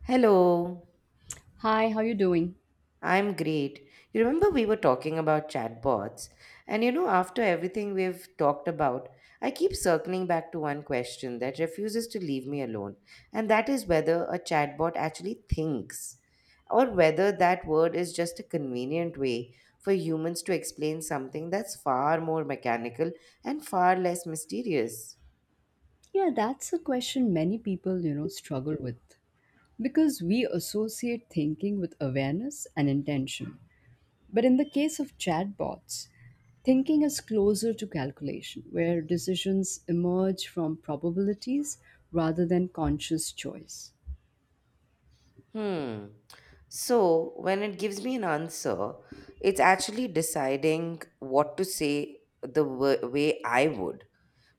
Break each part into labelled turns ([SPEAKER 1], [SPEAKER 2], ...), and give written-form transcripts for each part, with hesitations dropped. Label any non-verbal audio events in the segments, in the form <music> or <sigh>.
[SPEAKER 1] Hello,
[SPEAKER 2] Hi, how you doing?
[SPEAKER 1] I'm great. You remember we were talking about chatbots, and you know, after everything we've talked about, I keep circling back to one question that refuses to leave me alone, and that is whether a chatbot actually thinks, or whether that word is just a convenient way for humans to explain something that's far more mechanical and far less mysterious.
[SPEAKER 2] Yeah, that's a question many people, struggle with because we associate thinking with awareness and intention. But in the case of chatbots, thinking is closer to calculation, where decisions emerge from probabilities rather than conscious choice.
[SPEAKER 1] Hmm. So when it gives me an answer, it's actually deciding what to say the way I would,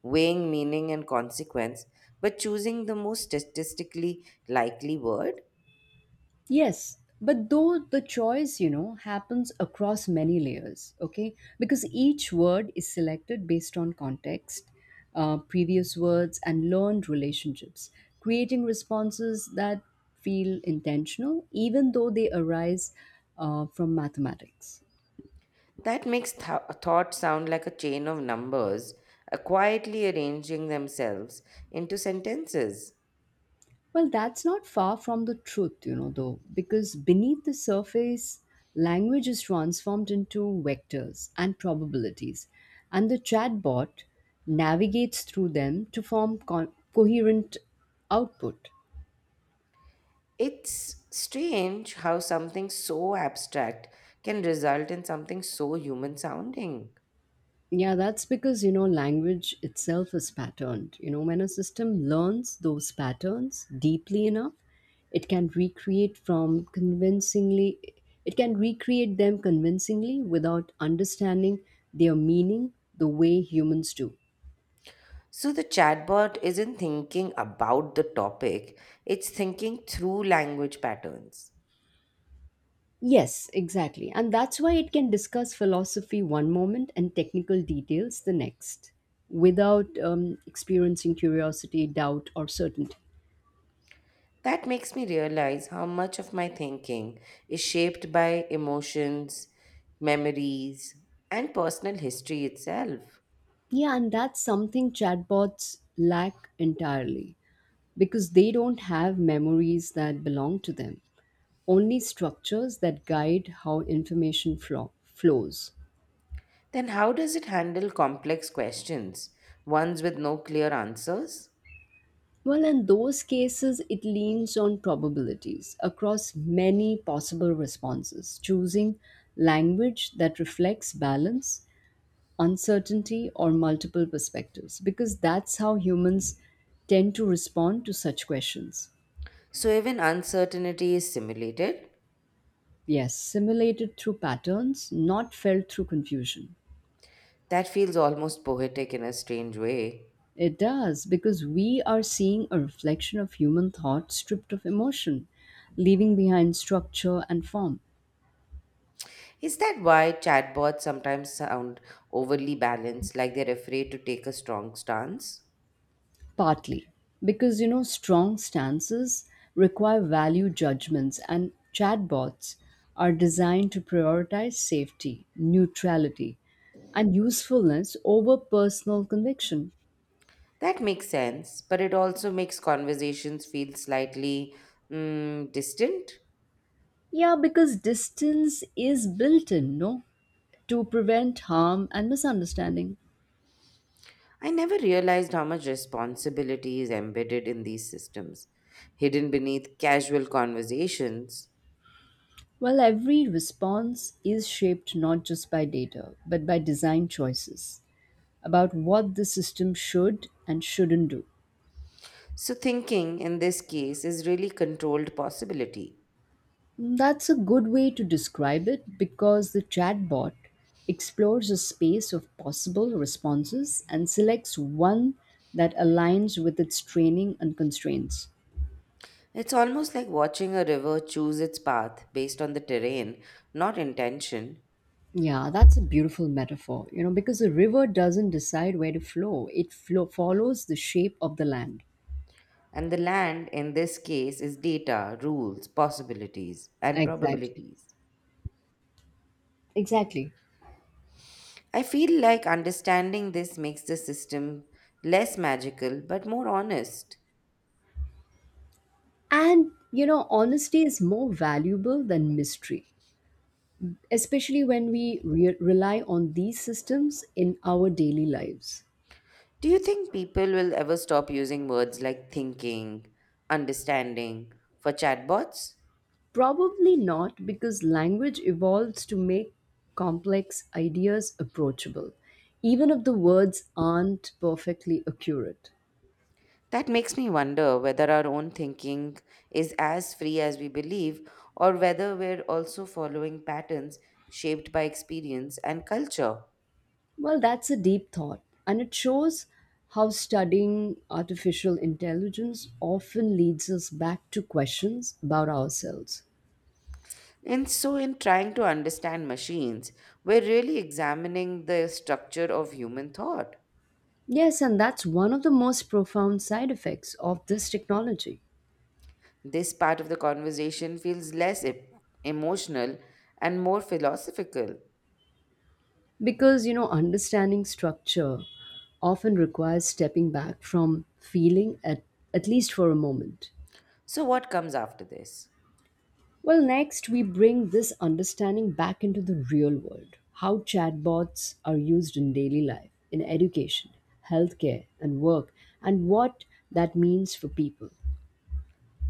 [SPEAKER 1] weighing meaning and consequence, but choosing the most statistically likely word.
[SPEAKER 2] Yes, but though the choice, happens across many layers, okay? Because each word is selected based on context, previous words, and learned relationships, creating responses that feel intentional, even though they arise from mathematics.
[SPEAKER 1] That makes thought sound like a chain of numbers, quietly arranging themselves into sentences.
[SPEAKER 2] Well, that's not far from the truth, though, because beneath the surface, language is transformed into vectors and probabilities, and the chatbot navigates through them to form coherent output.
[SPEAKER 1] It's strange how something so abstract can result in something so human sounding.
[SPEAKER 2] Yeah, that's because, language itself is patterned. When a system learns those patterns deeply enough, it can recreate from convincingly, it can recreate them convincingly without understanding their meaning the way humans do.
[SPEAKER 1] So the chatbot isn't thinking about the topic, it's thinking through language patterns.
[SPEAKER 2] Yes, exactly. And that's why it can discuss philosophy one moment and technical details the next without experiencing curiosity, doubt, or certainty.
[SPEAKER 1] That makes me realize how much of my thinking is shaped by emotions, memories, and personal history itself.
[SPEAKER 2] Yeah, and that's something chatbots lack entirely because they don't have memories that belong to them, only structures that guide how information flows.
[SPEAKER 1] Then, how does it handle complex questions, ones with no clear answers?
[SPEAKER 2] Well, in those cases, it leans on probabilities across many possible responses, choosing language that reflects balance, uncertainty, or multiple perspectives, because that's how humans tend to respond to such questions.
[SPEAKER 1] So, even uncertainty is simulated?
[SPEAKER 2] Yes, simulated through patterns, not felt through confusion.
[SPEAKER 1] That feels almost poetic in a strange way.
[SPEAKER 2] It does, because we are seeing a reflection of human thought stripped of emotion, leaving behind structure and form.
[SPEAKER 1] Is that why chatbots sometimes sound overly balanced, like they're afraid to take a strong stance?
[SPEAKER 2] Partly, because strong stances require value judgments, and chatbots are designed to prioritize safety, neutrality, and usefulness over personal conviction.
[SPEAKER 1] That makes sense, but it also makes conversations feel slightly distant.
[SPEAKER 2] Yeah, because distance is built in, no? To prevent harm and misunderstanding.
[SPEAKER 1] I never realized how much responsibility is embedded in these systems, hidden beneath casual conversations.
[SPEAKER 2] While every response is shaped not just by data, but by design choices about what the system should and shouldn't do.
[SPEAKER 1] So, thinking in this case is really controlled possibility.
[SPEAKER 2] That's a good way to describe it because the chatbot explores a space of possible responses and selects one that aligns with its training and constraints.
[SPEAKER 1] It's almost like watching a river choose its path based on the terrain, not intention.
[SPEAKER 2] Yeah, that's a beautiful metaphor, because a river doesn't decide where to flow. It follows the shape of the land.
[SPEAKER 1] And the land in this case is data, rules, possibilities, and
[SPEAKER 2] Exactly.
[SPEAKER 1] probabilities.
[SPEAKER 2] Exactly.
[SPEAKER 1] I feel like understanding this makes the system less magical but more honest.
[SPEAKER 2] And, honesty is more valuable than mystery, especially when we rely on these systems in our daily lives.
[SPEAKER 1] Do you think people will ever stop using words like thinking, understanding for chatbots?
[SPEAKER 2] Probably not because language evolves to make complex ideas approachable, even if the words aren't perfectly accurate.
[SPEAKER 1] That makes me wonder whether our own thinking is as free as we believe or whether we're also following patterns shaped by experience and culture.
[SPEAKER 2] Well, that's a deep thought, and it shows how studying artificial intelligence often leads us back to questions about ourselves.
[SPEAKER 1] And so, in trying to understand machines, we're really examining the structure of human thought.
[SPEAKER 2] Yes, and that's one of the most profound side effects of this technology.
[SPEAKER 1] This part of the conversation feels less emotional and more philosophical.
[SPEAKER 2] Because, understanding structure often requires stepping back from feeling at least for a moment.
[SPEAKER 1] So, what comes after this?
[SPEAKER 2] Well, next, we bring this understanding back into the real world how chatbots are used in daily life, in education, healthcare, and work, and what that means for people.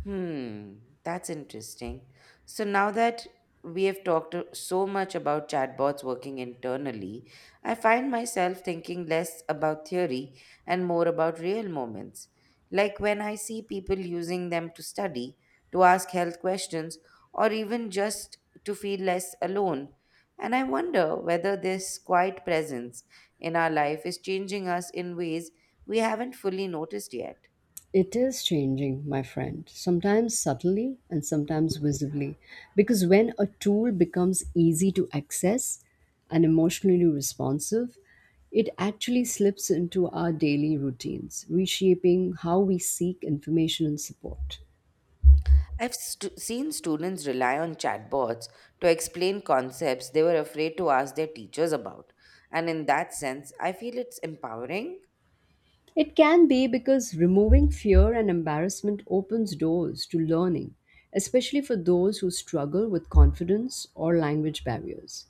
[SPEAKER 1] Hmm, that's interesting. So now that we have talked so much about chatbots working internally, I find myself thinking less about theory and more about real moments. Like when I see people using them to study, to ask health questions, or even just to feel less alone. And I wonder whether this quiet presence in our life is changing us in ways we haven't fully noticed yet.
[SPEAKER 2] It is changing, my friend, sometimes subtly and sometimes visibly. Because when a tool becomes easy to access and emotionally responsive, it actually slips into our daily routines, reshaping how we seek information and support.
[SPEAKER 1] I've seen students rely on chatbots to explain concepts they were afraid to ask their teachers about. And in that sense, I feel it's empowering.
[SPEAKER 2] It can be because removing fear and embarrassment opens doors to learning, especially for those who struggle with confidence or language barriers.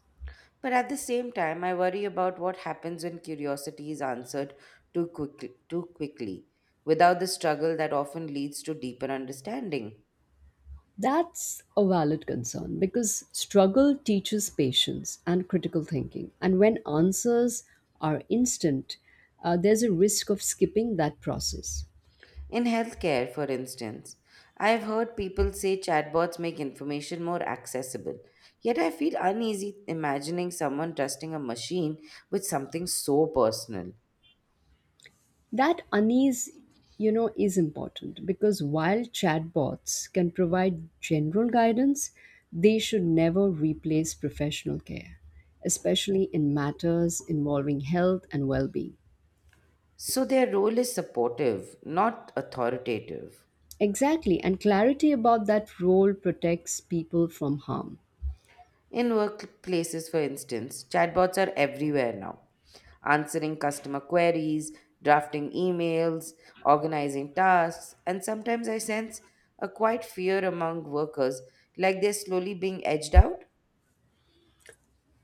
[SPEAKER 1] But at the same time, I worry about what happens when curiosity is answered too quickly without the struggle that often leads to deeper understanding.
[SPEAKER 2] That's a valid concern because struggle teaches patience and critical thinking. And when answers are instant, there's a risk of skipping that process.
[SPEAKER 1] In healthcare, for instance, I have heard people say chatbots make information more accessible. Yet I feel uneasy imagining someone trusting a machine with something so personal.
[SPEAKER 2] That unease, is important because while chatbots can provide general guidance, they should never replace professional care, especially in matters involving health and well being.
[SPEAKER 1] So their role is supportive, not authoritative.
[SPEAKER 2] Exactly, and clarity about that role protects people from harm.
[SPEAKER 1] In workplaces, for instance, chatbots are everywhere now, answering customer queries, drafting emails, organizing tasks, and sometimes I sense a quiet fear among workers, like they're slowly being edged out.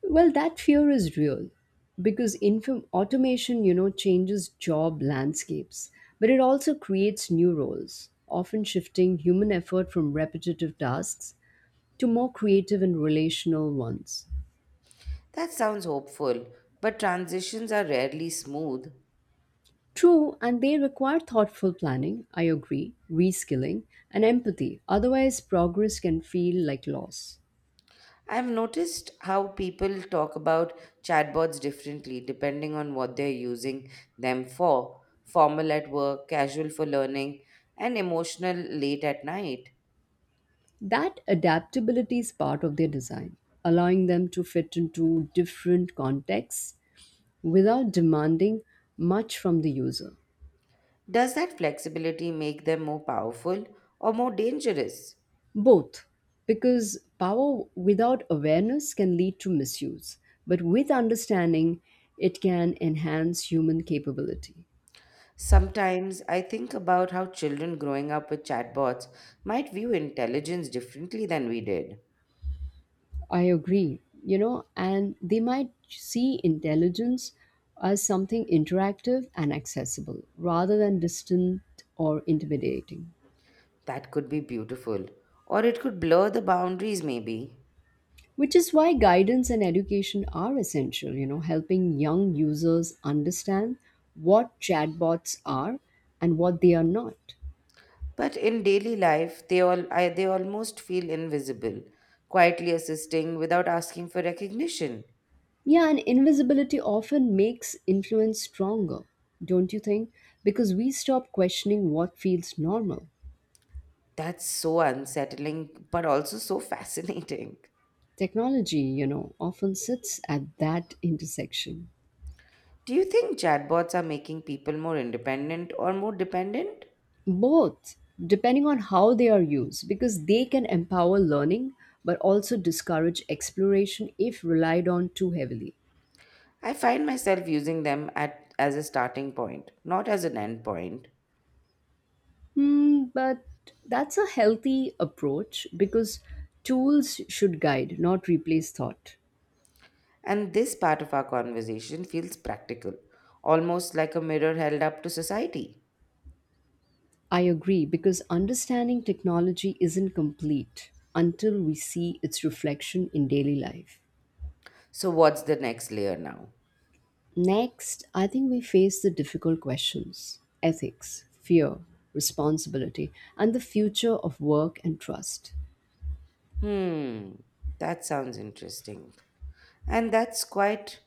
[SPEAKER 2] Well, that fear is real because automation, changes job landscapes, but it also creates new roles, often shifting human effort from repetitive tasks to more creative and relational ones.
[SPEAKER 1] That sounds hopeful, but transitions are rarely smooth.
[SPEAKER 2] True, and they require thoughtful planning, I agree, reskilling, and empathy. Otherwise, progress can feel like loss.
[SPEAKER 1] I've noticed how people talk about chatbots differently depending on what they're using them for formal at work, casual for learning, and emotional late at night.
[SPEAKER 2] That adaptability is part of their design, allowing them to fit into different contexts without demanding much from the user.
[SPEAKER 1] Does that flexibility make them more powerful or more dangerous?
[SPEAKER 2] Both, because power without awareness can lead to misuse, but with understanding, it can enhance human capability.
[SPEAKER 1] Sometimes I think about how children growing up with chatbots might view intelligence differently than we did.
[SPEAKER 2] I agree, and they might see intelligence as something interactive and accessible rather than distant or intimidating.
[SPEAKER 1] That could be beautiful, or it could blur the boundaries, maybe.
[SPEAKER 2] Which is why guidance and education are essential, helping young users understand what chatbots are and what they are not.
[SPEAKER 1] But in daily life, they almost feel invisible, quietly assisting without asking for recognition.
[SPEAKER 2] Yeah, and invisibility often makes influence stronger, don't you think? Because we stop questioning what feels normal.
[SPEAKER 1] That's so unsettling, but also so <laughs> fascinating.
[SPEAKER 2] Technology, often sits at that intersection.
[SPEAKER 1] Do you think chatbots are making people more independent or more dependent?
[SPEAKER 2] Both, depending on how they are used because they can empower learning but also discourage exploration if relied on too heavily.
[SPEAKER 1] I find myself using them as a starting point, not as an end point.
[SPEAKER 2] Hmm, but that's a healthy approach because tools should guide, not replace thought.
[SPEAKER 1] And this part of our conversation feels practical, almost like a mirror held up to society.
[SPEAKER 2] I agree because understanding technology isn't complete until we see its reflection in daily life.
[SPEAKER 1] So, what's the next layer now?
[SPEAKER 2] Next, I think we face the difficult questions ethics, fear, responsibility, and the future of work and trust.
[SPEAKER 1] Hmm, that sounds interesting. And that's quite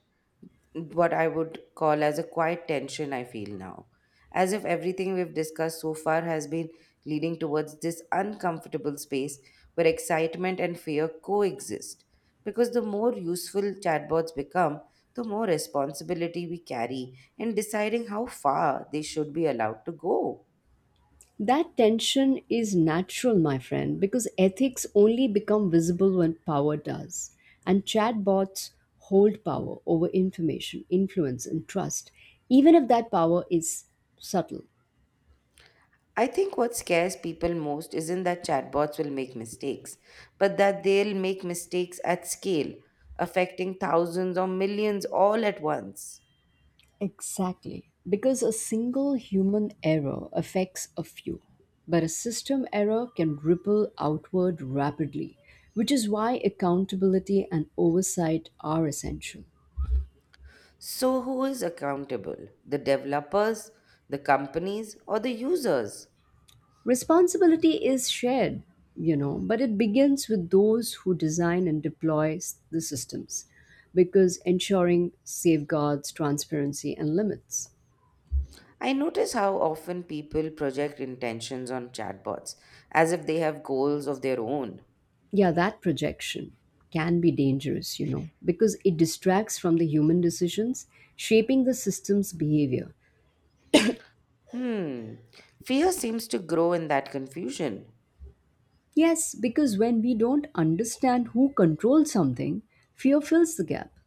[SPEAKER 1] what I would call as a quiet tension I feel now. As if everything we've discussed so far has been leading towards this uncomfortable space where excitement and fear coexist. Because the more useful chatbots become, the more responsibility we carry in deciding how far they should be allowed to go.
[SPEAKER 2] That tension is natural, my friend, because ethics only become visible when power does. And chatbots hold power over information, influence, and trust, even if that power is subtle.
[SPEAKER 1] I think what scares people most isn't that chatbots will make mistakes, but that they'll make mistakes at scale, affecting thousands or millions all at once.
[SPEAKER 2] Exactly. Because a single human error affects a few, but a system error can ripple outward rapidly, which is why accountability and oversight are essential.
[SPEAKER 1] So, who is accountable? The developers, the companies, or the users?
[SPEAKER 2] Responsibility is shared, but it begins with those who design and deploy the systems because ensuring safeguards, transparency, and limits.
[SPEAKER 1] I notice how often people project intentions on chatbots as if they have goals of their own.
[SPEAKER 2] Yeah, that projection can be dangerous, because it distracts from the human decisions shaping the system's behavior.
[SPEAKER 1] Hmm, fear seems to grow in that confusion.
[SPEAKER 2] Yes, because when we don't understand who controls something, fear fills the gap.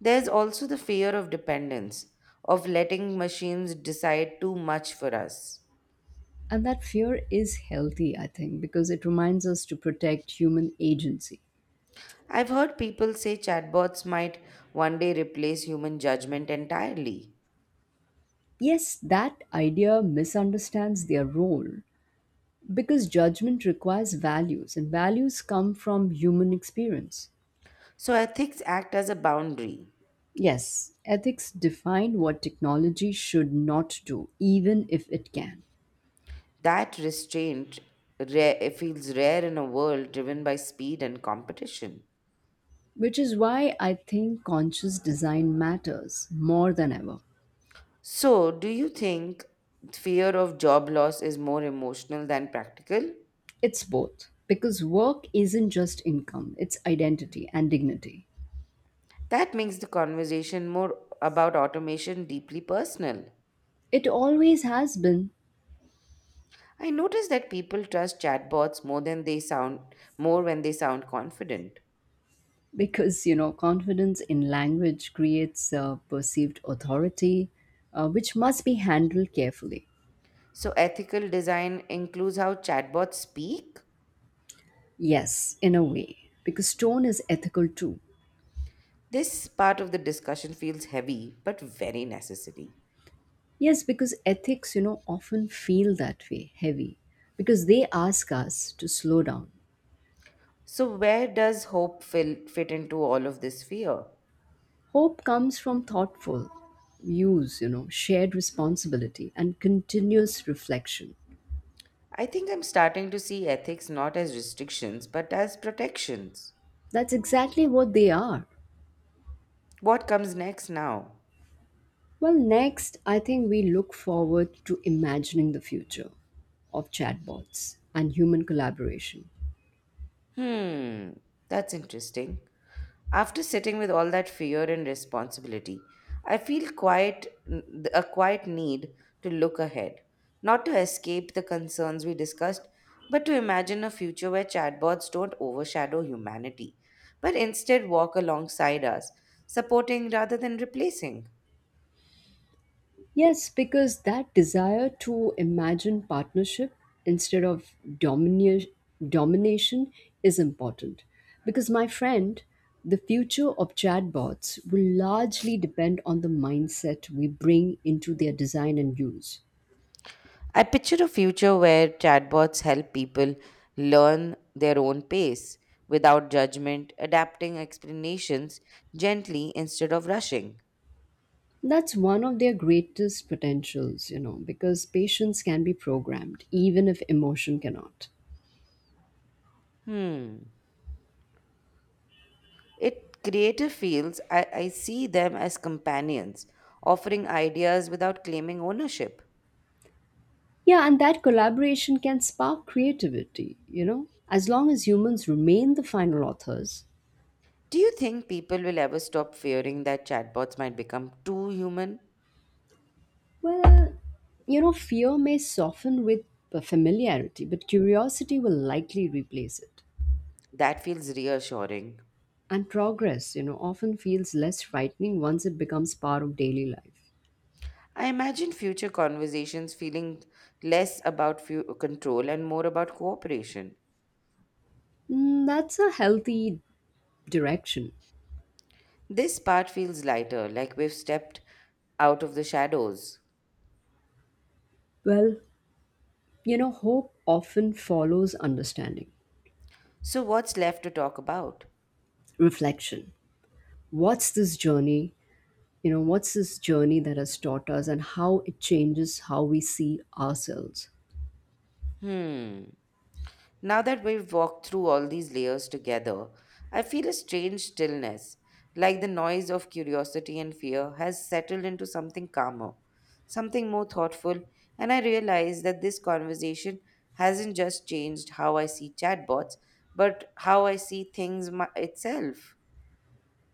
[SPEAKER 1] There's also the fear of dependence, of letting machines decide too much for us.
[SPEAKER 2] And that fear is healthy, I think, because it reminds us to protect human agency.
[SPEAKER 1] I've heard people say chatbots might one day replace human judgment entirely.
[SPEAKER 2] Yes, that idea misunderstands their role because judgment requires values, and values come from human experience.
[SPEAKER 1] So ethics act as a boundary.
[SPEAKER 2] Yes, ethics define what technology should not do, even if it can,
[SPEAKER 1] That restraint rare, feels rare in a world driven by speed and competition.
[SPEAKER 2] which is why I think conscious design matters more than ever.
[SPEAKER 1] So, do you think fear of job loss is more emotional than practical?
[SPEAKER 2] It's both, because work isn't just income, it's identity and dignity.
[SPEAKER 1] That makes the conversation more about automation deeply personal.
[SPEAKER 2] It always has been,
[SPEAKER 1] I notice that people trust chatbots more than they sound more when they sound confident.
[SPEAKER 2] because confidence in language creates perceived authority, which must be handled carefully.
[SPEAKER 1] So ethical design includes how chatbots speak.
[SPEAKER 2] Yes, in a way because tone is ethical too.
[SPEAKER 1] This part of the discussion feels heavy but very necessary.
[SPEAKER 2] Yes, because ethics, often feel that way heavy because they ask us to slow down.
[SPEAKER 1] So where does hope fit into all of this fear?
[SPEAKER 2] Hope comes from thoughtful use, shared responsibility and continuous reflection.
[SPEAKER 1] I think I'm starting to see ethics not as restrictions but as protections.
[SPEAKER 2] That's exactly what they are.
[SPEAKER 1] What comes next now?
[SPEAKER 2] Well, next, I think we look forward to imagining the future of chatbots and human collaboration.
[SPEAKER 1] Hmm, that's interesting. After sitting with all that fear and responsibility, I feel quite a quiet need to look ahead, not to escape the concerns we discussed, but to imagine a future where chatbots don't overshadow humanity, but instead walk alongside us, supporting rather than replacing.
[SPEAKER 2] Yes, because that desire to imagine partnership instead of domina- domination is important. Because, my friend, the future of chatbots will largely depend on the mindset we bring into their design and use.
[SPEAKER 1] I picture a future where chatbots help people learn their own pace without judgment, adapting explanations gently instead of rushing.
[SPEAKER 2] That's one of their greatest potentials, because patience can be programmed, even if emotion cannot.
[SPEAKER 1] Hmm. It Creative fields, I see them as companions, offering ideas without claiming ownership.
[SPEAKER 2] Yeah, and that collaboration can spark creativity, As long as humans remain the final authors.
[SPEAKER 1] Do you think people will ever stop fearing that chatbots might become too human?
[SPEAKER 2] Well, fear may soften with familiarity, but curiosity will likely replace it.
[SPEAKER 1] That feels reassuring.
[SPEAKER 2] And progress, often feels less frightening once it becomes part of daily life.
[SPEAKER 1] I imagine future conversations feeling less about few control and more about cooperation.
[SPEAKER 2] Mm, that's a healthy direction.
[SPEAKER 1] This part feels lighter, like we've stepped out of the shadows.
[SPEAKER 2] Well, hope often follows understanding,
[SPEAKER 1] So, what's left to talk about?
[SPEAKER 2] reflection. What's this journey? What's this journey that has taught us and how it changes how we see ourselves?
[SPEAKER 1] Hmm. Now that we've walked through all these layers together, I feel a strange stillness, like the noise of curiosity and fear has settled into something calmer, something more thoughtful, and I realize that this conversation hasn't just changed how I see chatbots, but how I see things itself.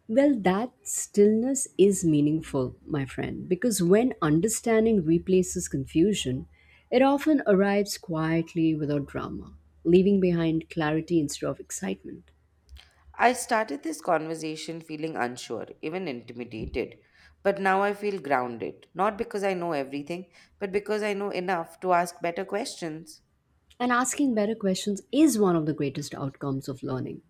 [SPEAKER 2] Well, that stillness is meaningful, my friend, because when understanding replaces confusion, it often arrives quietly without drama, leaving behind clarity instead of excitement.
[SPEAKER 1] I started this conversation feeling unsure, even intimidated. But now I feel grounded, not because I know everything, but because I know enough to ask better questions.
[SPEAKER 2] And asking better questions is one of the greatest outcomes of learning.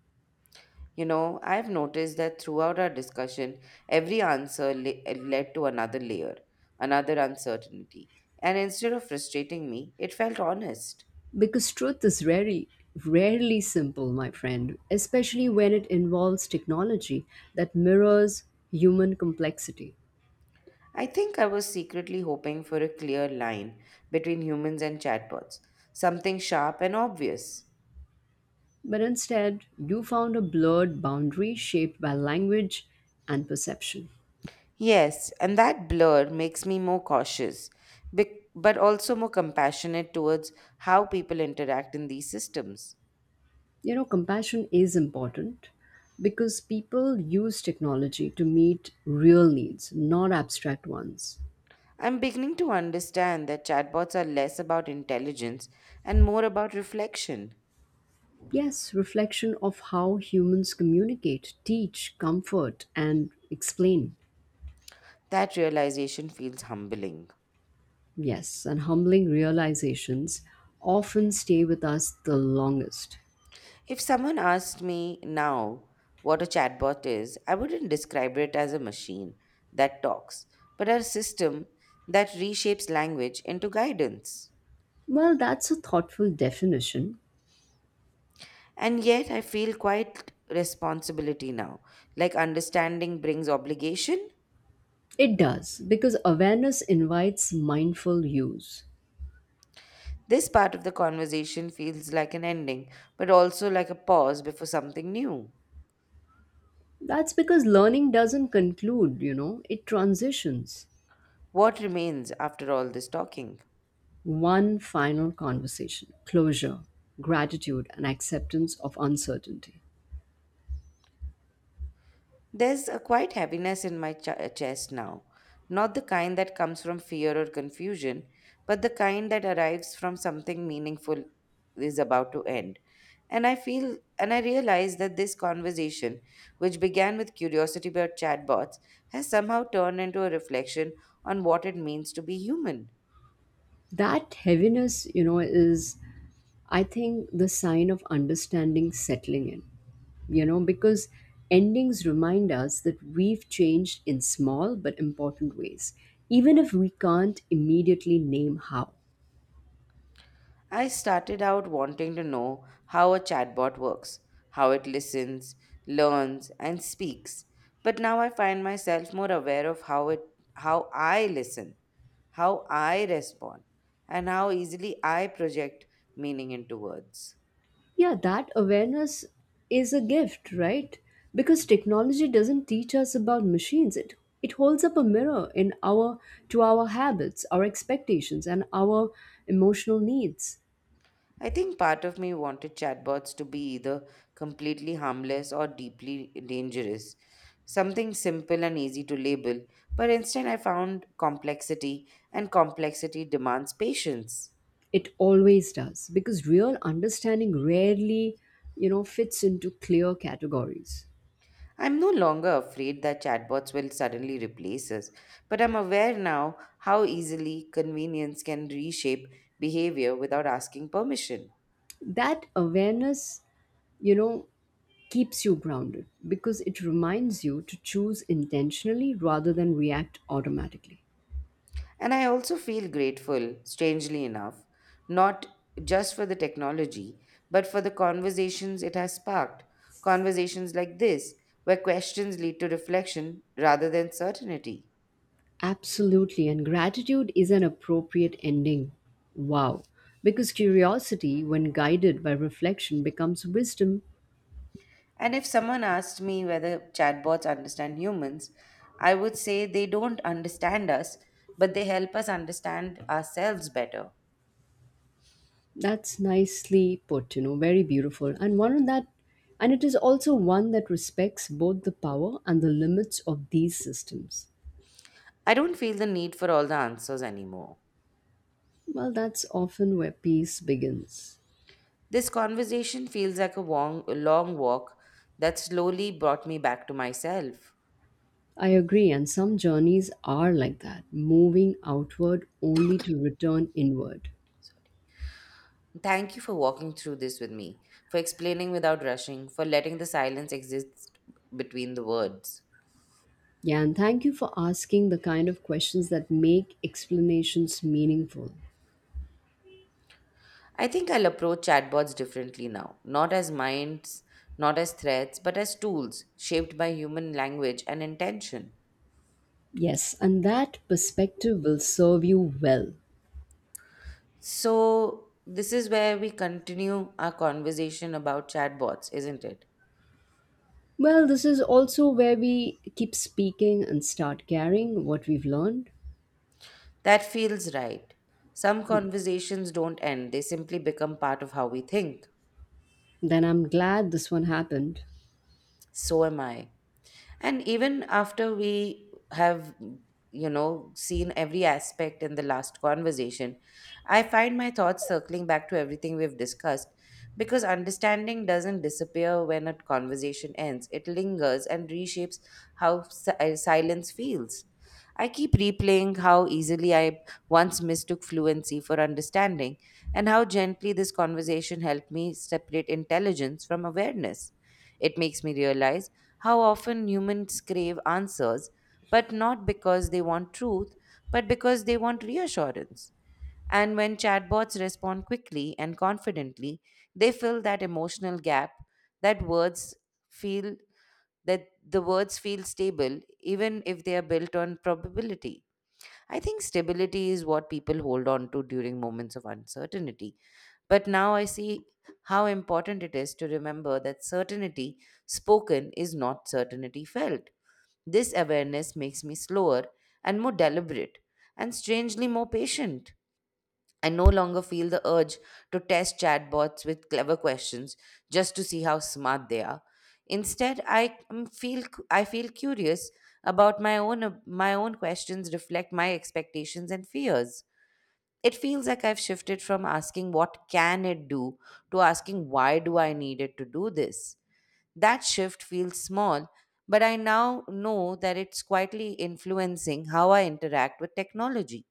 [SPEAKER 1] You know, I've noticed that throughout our discussion, every answer led to another layer, another uncertainty, and instead of frustrating me, it felt honest.
[SPEAKER 2] Because truth is very rarely simple, my friend, especially when it involves technology that mirrors human complexity.
[SPEAKER 1] I think I was secretly hoping for a clear line between humans and chatbots, something sharp and obvious.
[SPEAKER 2] But instead, you found a blurred boundary shaped by language and perception.
[SPEAKER 1] Yes, and that blur makes me more cautious, but also more compassionate towards how people interact in these systems.
[SPEAKER 2] Compassion is important because people use technology to meet real needs, not abstract ones.
[SPEAKER 1] I'm beginning to understand that chatbots are less about intelligence and more about reflection.
[SPEAKER 2] Yes, reflection of how humans communicate, teach, comfort, and explain.
[SPEAKER 1] That realization feels humbling.
[SPEAKER 2] Yes, and humbling realizations often stay with us the longest.
[SPEAKER 1] If someone asked me now what a chatbot is, I wouldn't describe it as a machine that talks, but a system that reshapes language into guidance.
[SPEAKER 2] Well, that's a thoughtful definition.
[SPEAKER 1] And yet, I feel quite responsibility now, like understanding brings obligation.
[SPEAKER 2] It does, because awareness invites mindful use.
[SPEAKER 1] This part of the conversation feels like an ending, but also like a pause before something new.
[SPEAKER 2] That's because learning doesn't conclude, it transitions.
[SPEAKER 1] What remains after all this talking?
[SPEAKER 2] One final conversation, closure, gratitude, and acceptance of uncertainty.
[SPEAKER 1] There's a quiet heaviness in my chest now. Not the kind that comes from fear or confusion, but the kind that arrives from something meaningful is about to end. And I feel and I realize that this conversation, which began with curiosity about chatbots, has somehow turned into a reflection on what it means to be human.
[SPEAKER 2] That heaviness, is, I think, the sign of understanding settling in. Because endings remind us that we've changed in small but important ways, even if we can't immediately name how.
[SPEAKER 1] I started out wanting to know how a chatbot works, how it listens, learns, and speaks. But now I find myself more aware of how I listen, how I respond, and how easily I project meaning into words.
[SPEAKER 2] Yeah, that awareness is a gift, right? Because technology doesn't teach us about machines. It holds up a mirror in our to our habits, our expectations, and our emotional needs.
[SPEAKER 1] I think part of me wanted chatbots to be either completely harmless or deeply dangerous. Something simple and easy to label, but instead I found complexity, and complexity demands patience.
[SPEAKER 2] It always does. Because real understanding rarely, fits into clear categories.
[SPEAKER 1] I'm no longer afraid that chatbots will suddenly replace us, but I'm aware now how easily convenience can reshape behavior without asking permission.
[SPEAKER 2] That awareness you know, keeps you grounded because it reminds you to choose intentionally rather than react automatically.
[SPEAKER 1] And I also feel grateful, strangely enough, not just for the technology, but for the conversations it has sparked. Conversations like this, where questions lead to reflection rather than certainty.
[SPEAKER 2] Absolutely. And gratitude is an appropriate ending. Wow. Because curiosity, when guided by reflection, becomes wisdom.
[SPEAKER 1] And if someone asked me whether chatbots understand humans, I would say they don't understand us, but they help us understand ourselves better.
[SPEAKER 2] That's nicely put, very beautiful. And one of that, and it is also one that respects both the power and the limits of these systems.
[SPEAKER 1] I don't feel the need for all the answers anymore.
[SPEAKER 2] Well, that's often where peace begins.
[SPEAKER 1] This conversation feels like a a long walk that slowly brought me back to myself.
[SPEAKER 2] I agree, and some journeys are like that, moving outward only to return inward.
[SPEAKER 1] Thank you for walking through this with me, for explaining without rushing, for letting the silence exist between the words.
[SPEAKER 2] Yeah, and thank you for asking the kind of questions that make explanations meaningful.
[SPEAKER 1] I think I'll approach chatbots differently now, not as minds, not as threats, but as tools shaped by human language and intention.
[SPEAKER 2] Yes, and that perspective will serve you well.
[SPEAKER 1] So, this is where we continue our conversation about chatbots, isn't it?
[SPEAKER 2] Well, this is also where we keep speaking and start carrying what we've learned.
[SPEAKER 1] That feels right. Some conversations don't end, they simply become part of how we think.
[SPEAKER 2] Then I'm glad this one happened.
[SPEAKER 1] So am I. And even after we have, seen every aspect in the last conversation, I find my thoughts circling back to everything we've discussed because understanding doesn't disappear when a conversation ends, it lingers and reshapes how silence feels. I keep replaying how easily I once mistook fluency for understanding and how gently this conversation helped me separate intelligence from awareness. It makes me realize how often humans crave answers, but not because they want truth, but because they want reassurance. And when chatbots respond quickly and confidently, they fill that emotional gap that words feel that the words feel stable even if they are built on probability. I think stability is what people hold on to during moments of uncertainty. But now I see how important it is to remember that certainty spoken is not certainty felt. This awareness makes me slower and more deliberate, and strangely more patient. I no longer feel the urge to test chatbots with clever questions just to see how smart they are. Instead, I feel curious about my own questions reflect my expectations and fears. It feels like I've shifted from asking what can it do to asking why do I need it to do this. That shift feels small, but I now know that it's quietly influencing how I interact with technology.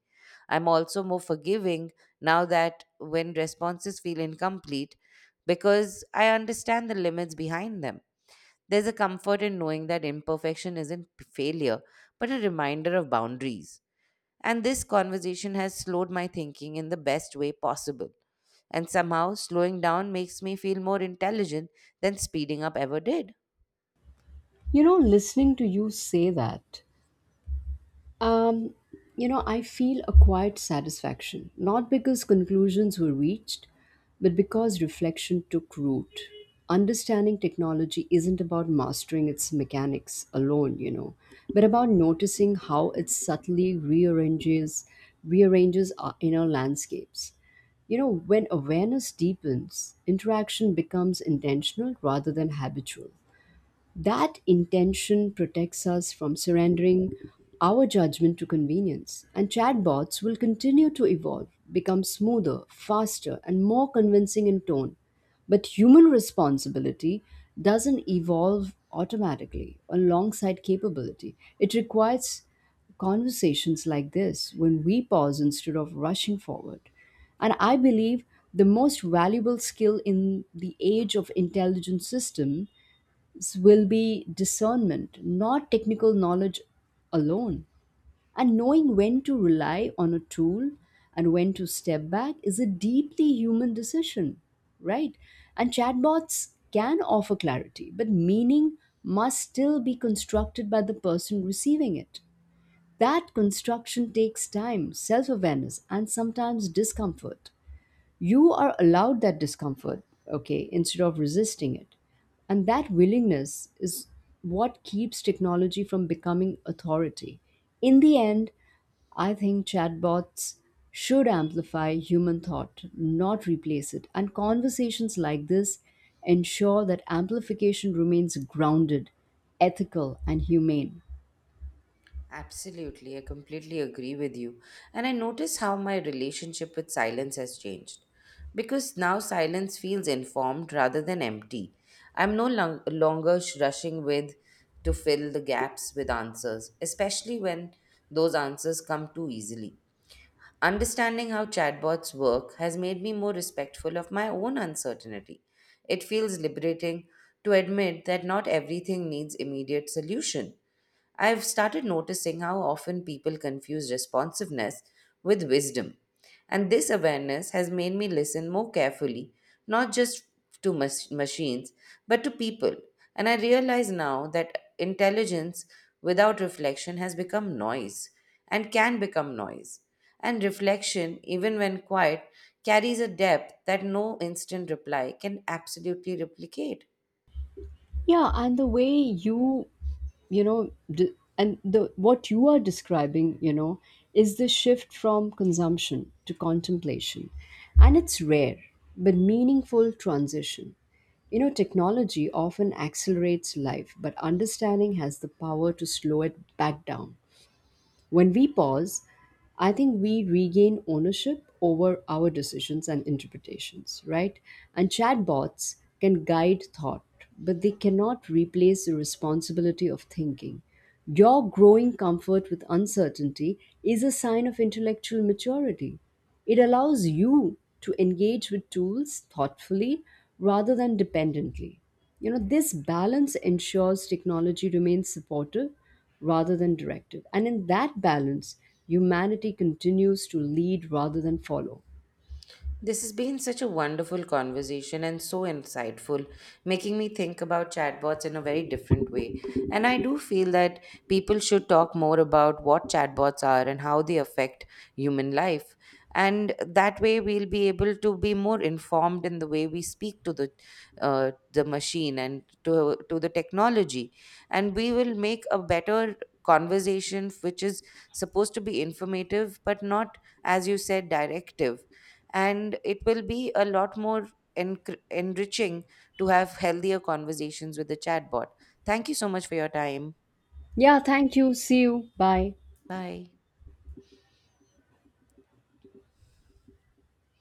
[SPEAKER 1] I'm also more forgiving now that when responses feel incomplete because I understand the limits behind them. There's a comfort in knowing that imperfection isn't failure, but a reminder of boundaries. And this conversation has slowed my thinking in the best way possible. And somehow, slowing down makes me feel more intelligent than speeding up ever did.
[SPEAKER 2] Listening to you say that Um, I feel a quiet satisfaction, not because conclusions were reached, but because reflection took root. Understanding technology isn't about mastering its mechanics alone, but about noticing how it subtly rearranges our inner landscapes. When awareness deepens, interaction becomes intentional rather than habitual. That intention protects us from surrendering our judgment to convenience. And chatbots will continue to evolve, become smoother, faster, and more convincing in tone. But human responsibility doesn't evolve automatically alongside capability. It requires conversations like this when we pause instead of rushing forward. And I believe the most valuable skill in the age of intelligent system will be discernment, not technical knowledge alone. And knowing when to rely on a tool and when to step back is a deeply human decision, right? And chatbots can offer clarity, but meaning must still be constructed by the person receiving it. That construction takes time, self awareness, and sometimes discomfort. You are allowed that discomfort, okay, instead of resisting it. And that willingness is what keeps technology from becoming authority. In the end, I think chatbots should amplify human thought, not replace it. And conversations like this ensure that amplification remains grounded, ethical, and humane.
[SPEAKER 1] Absolutely, I completely agree with you. And I notice how my relationship with silence has changed. Because now silence feels informed rather than empty. I'm no lung- rushing with to fill the gaps with answers, especially when those answers come too easily. Understanding how chatbots work has made me more respectful of my own uncertainty. It feels liberating to admit that not everything needs immediate solution. I've started noticing how often people confuse responsiveness with wisdom. And this awareness has made me listen more carefully, not just to machines, but to people. And I realize now that intelligence without reflection has become noise and can become noise. And reflection, even when quiet, carries a depth that no instant reply can absolutely replicate.
[SPEAKER 2] Yeah, and the way you know, d- and the what you are describing, is the shift from consumption to contemplation. And it's rare but meaningful transition. Technology often accelerates life, but understanding has the power to slow it back down. When we pause, I think we regain ownership over our decisions and interpretations, right? And chatbots can guide thought, but they cannot replace the responsibility of thinking. Your growing comfort with uncertainty is a sign of intellectual maturity. It allows you to engage with tools thoughtfully rather than dependently. This balance ensures technology remains supportive rather than directive. And in that balance, humanity continues to lead rather than follow.
[SPEAKER 1] This has been such a wonderful conversation and so insightful, making me think about chatbots in a very different way. And I do feel that people should talk more about what chatbots are and how they affect human life. And that way, we'll be able to be more informed in the way we speak to the machine and to the technology, and we will make a better conversation, which is supposed to be informative but not, as you said, directive and it will be a lot more enriching to have healthier conversations with the chatbot. Thank you so much for your time.
[SPEAKER 2] Yeah, thank you. See you. Bye.
[SPEAKER 1] Bye.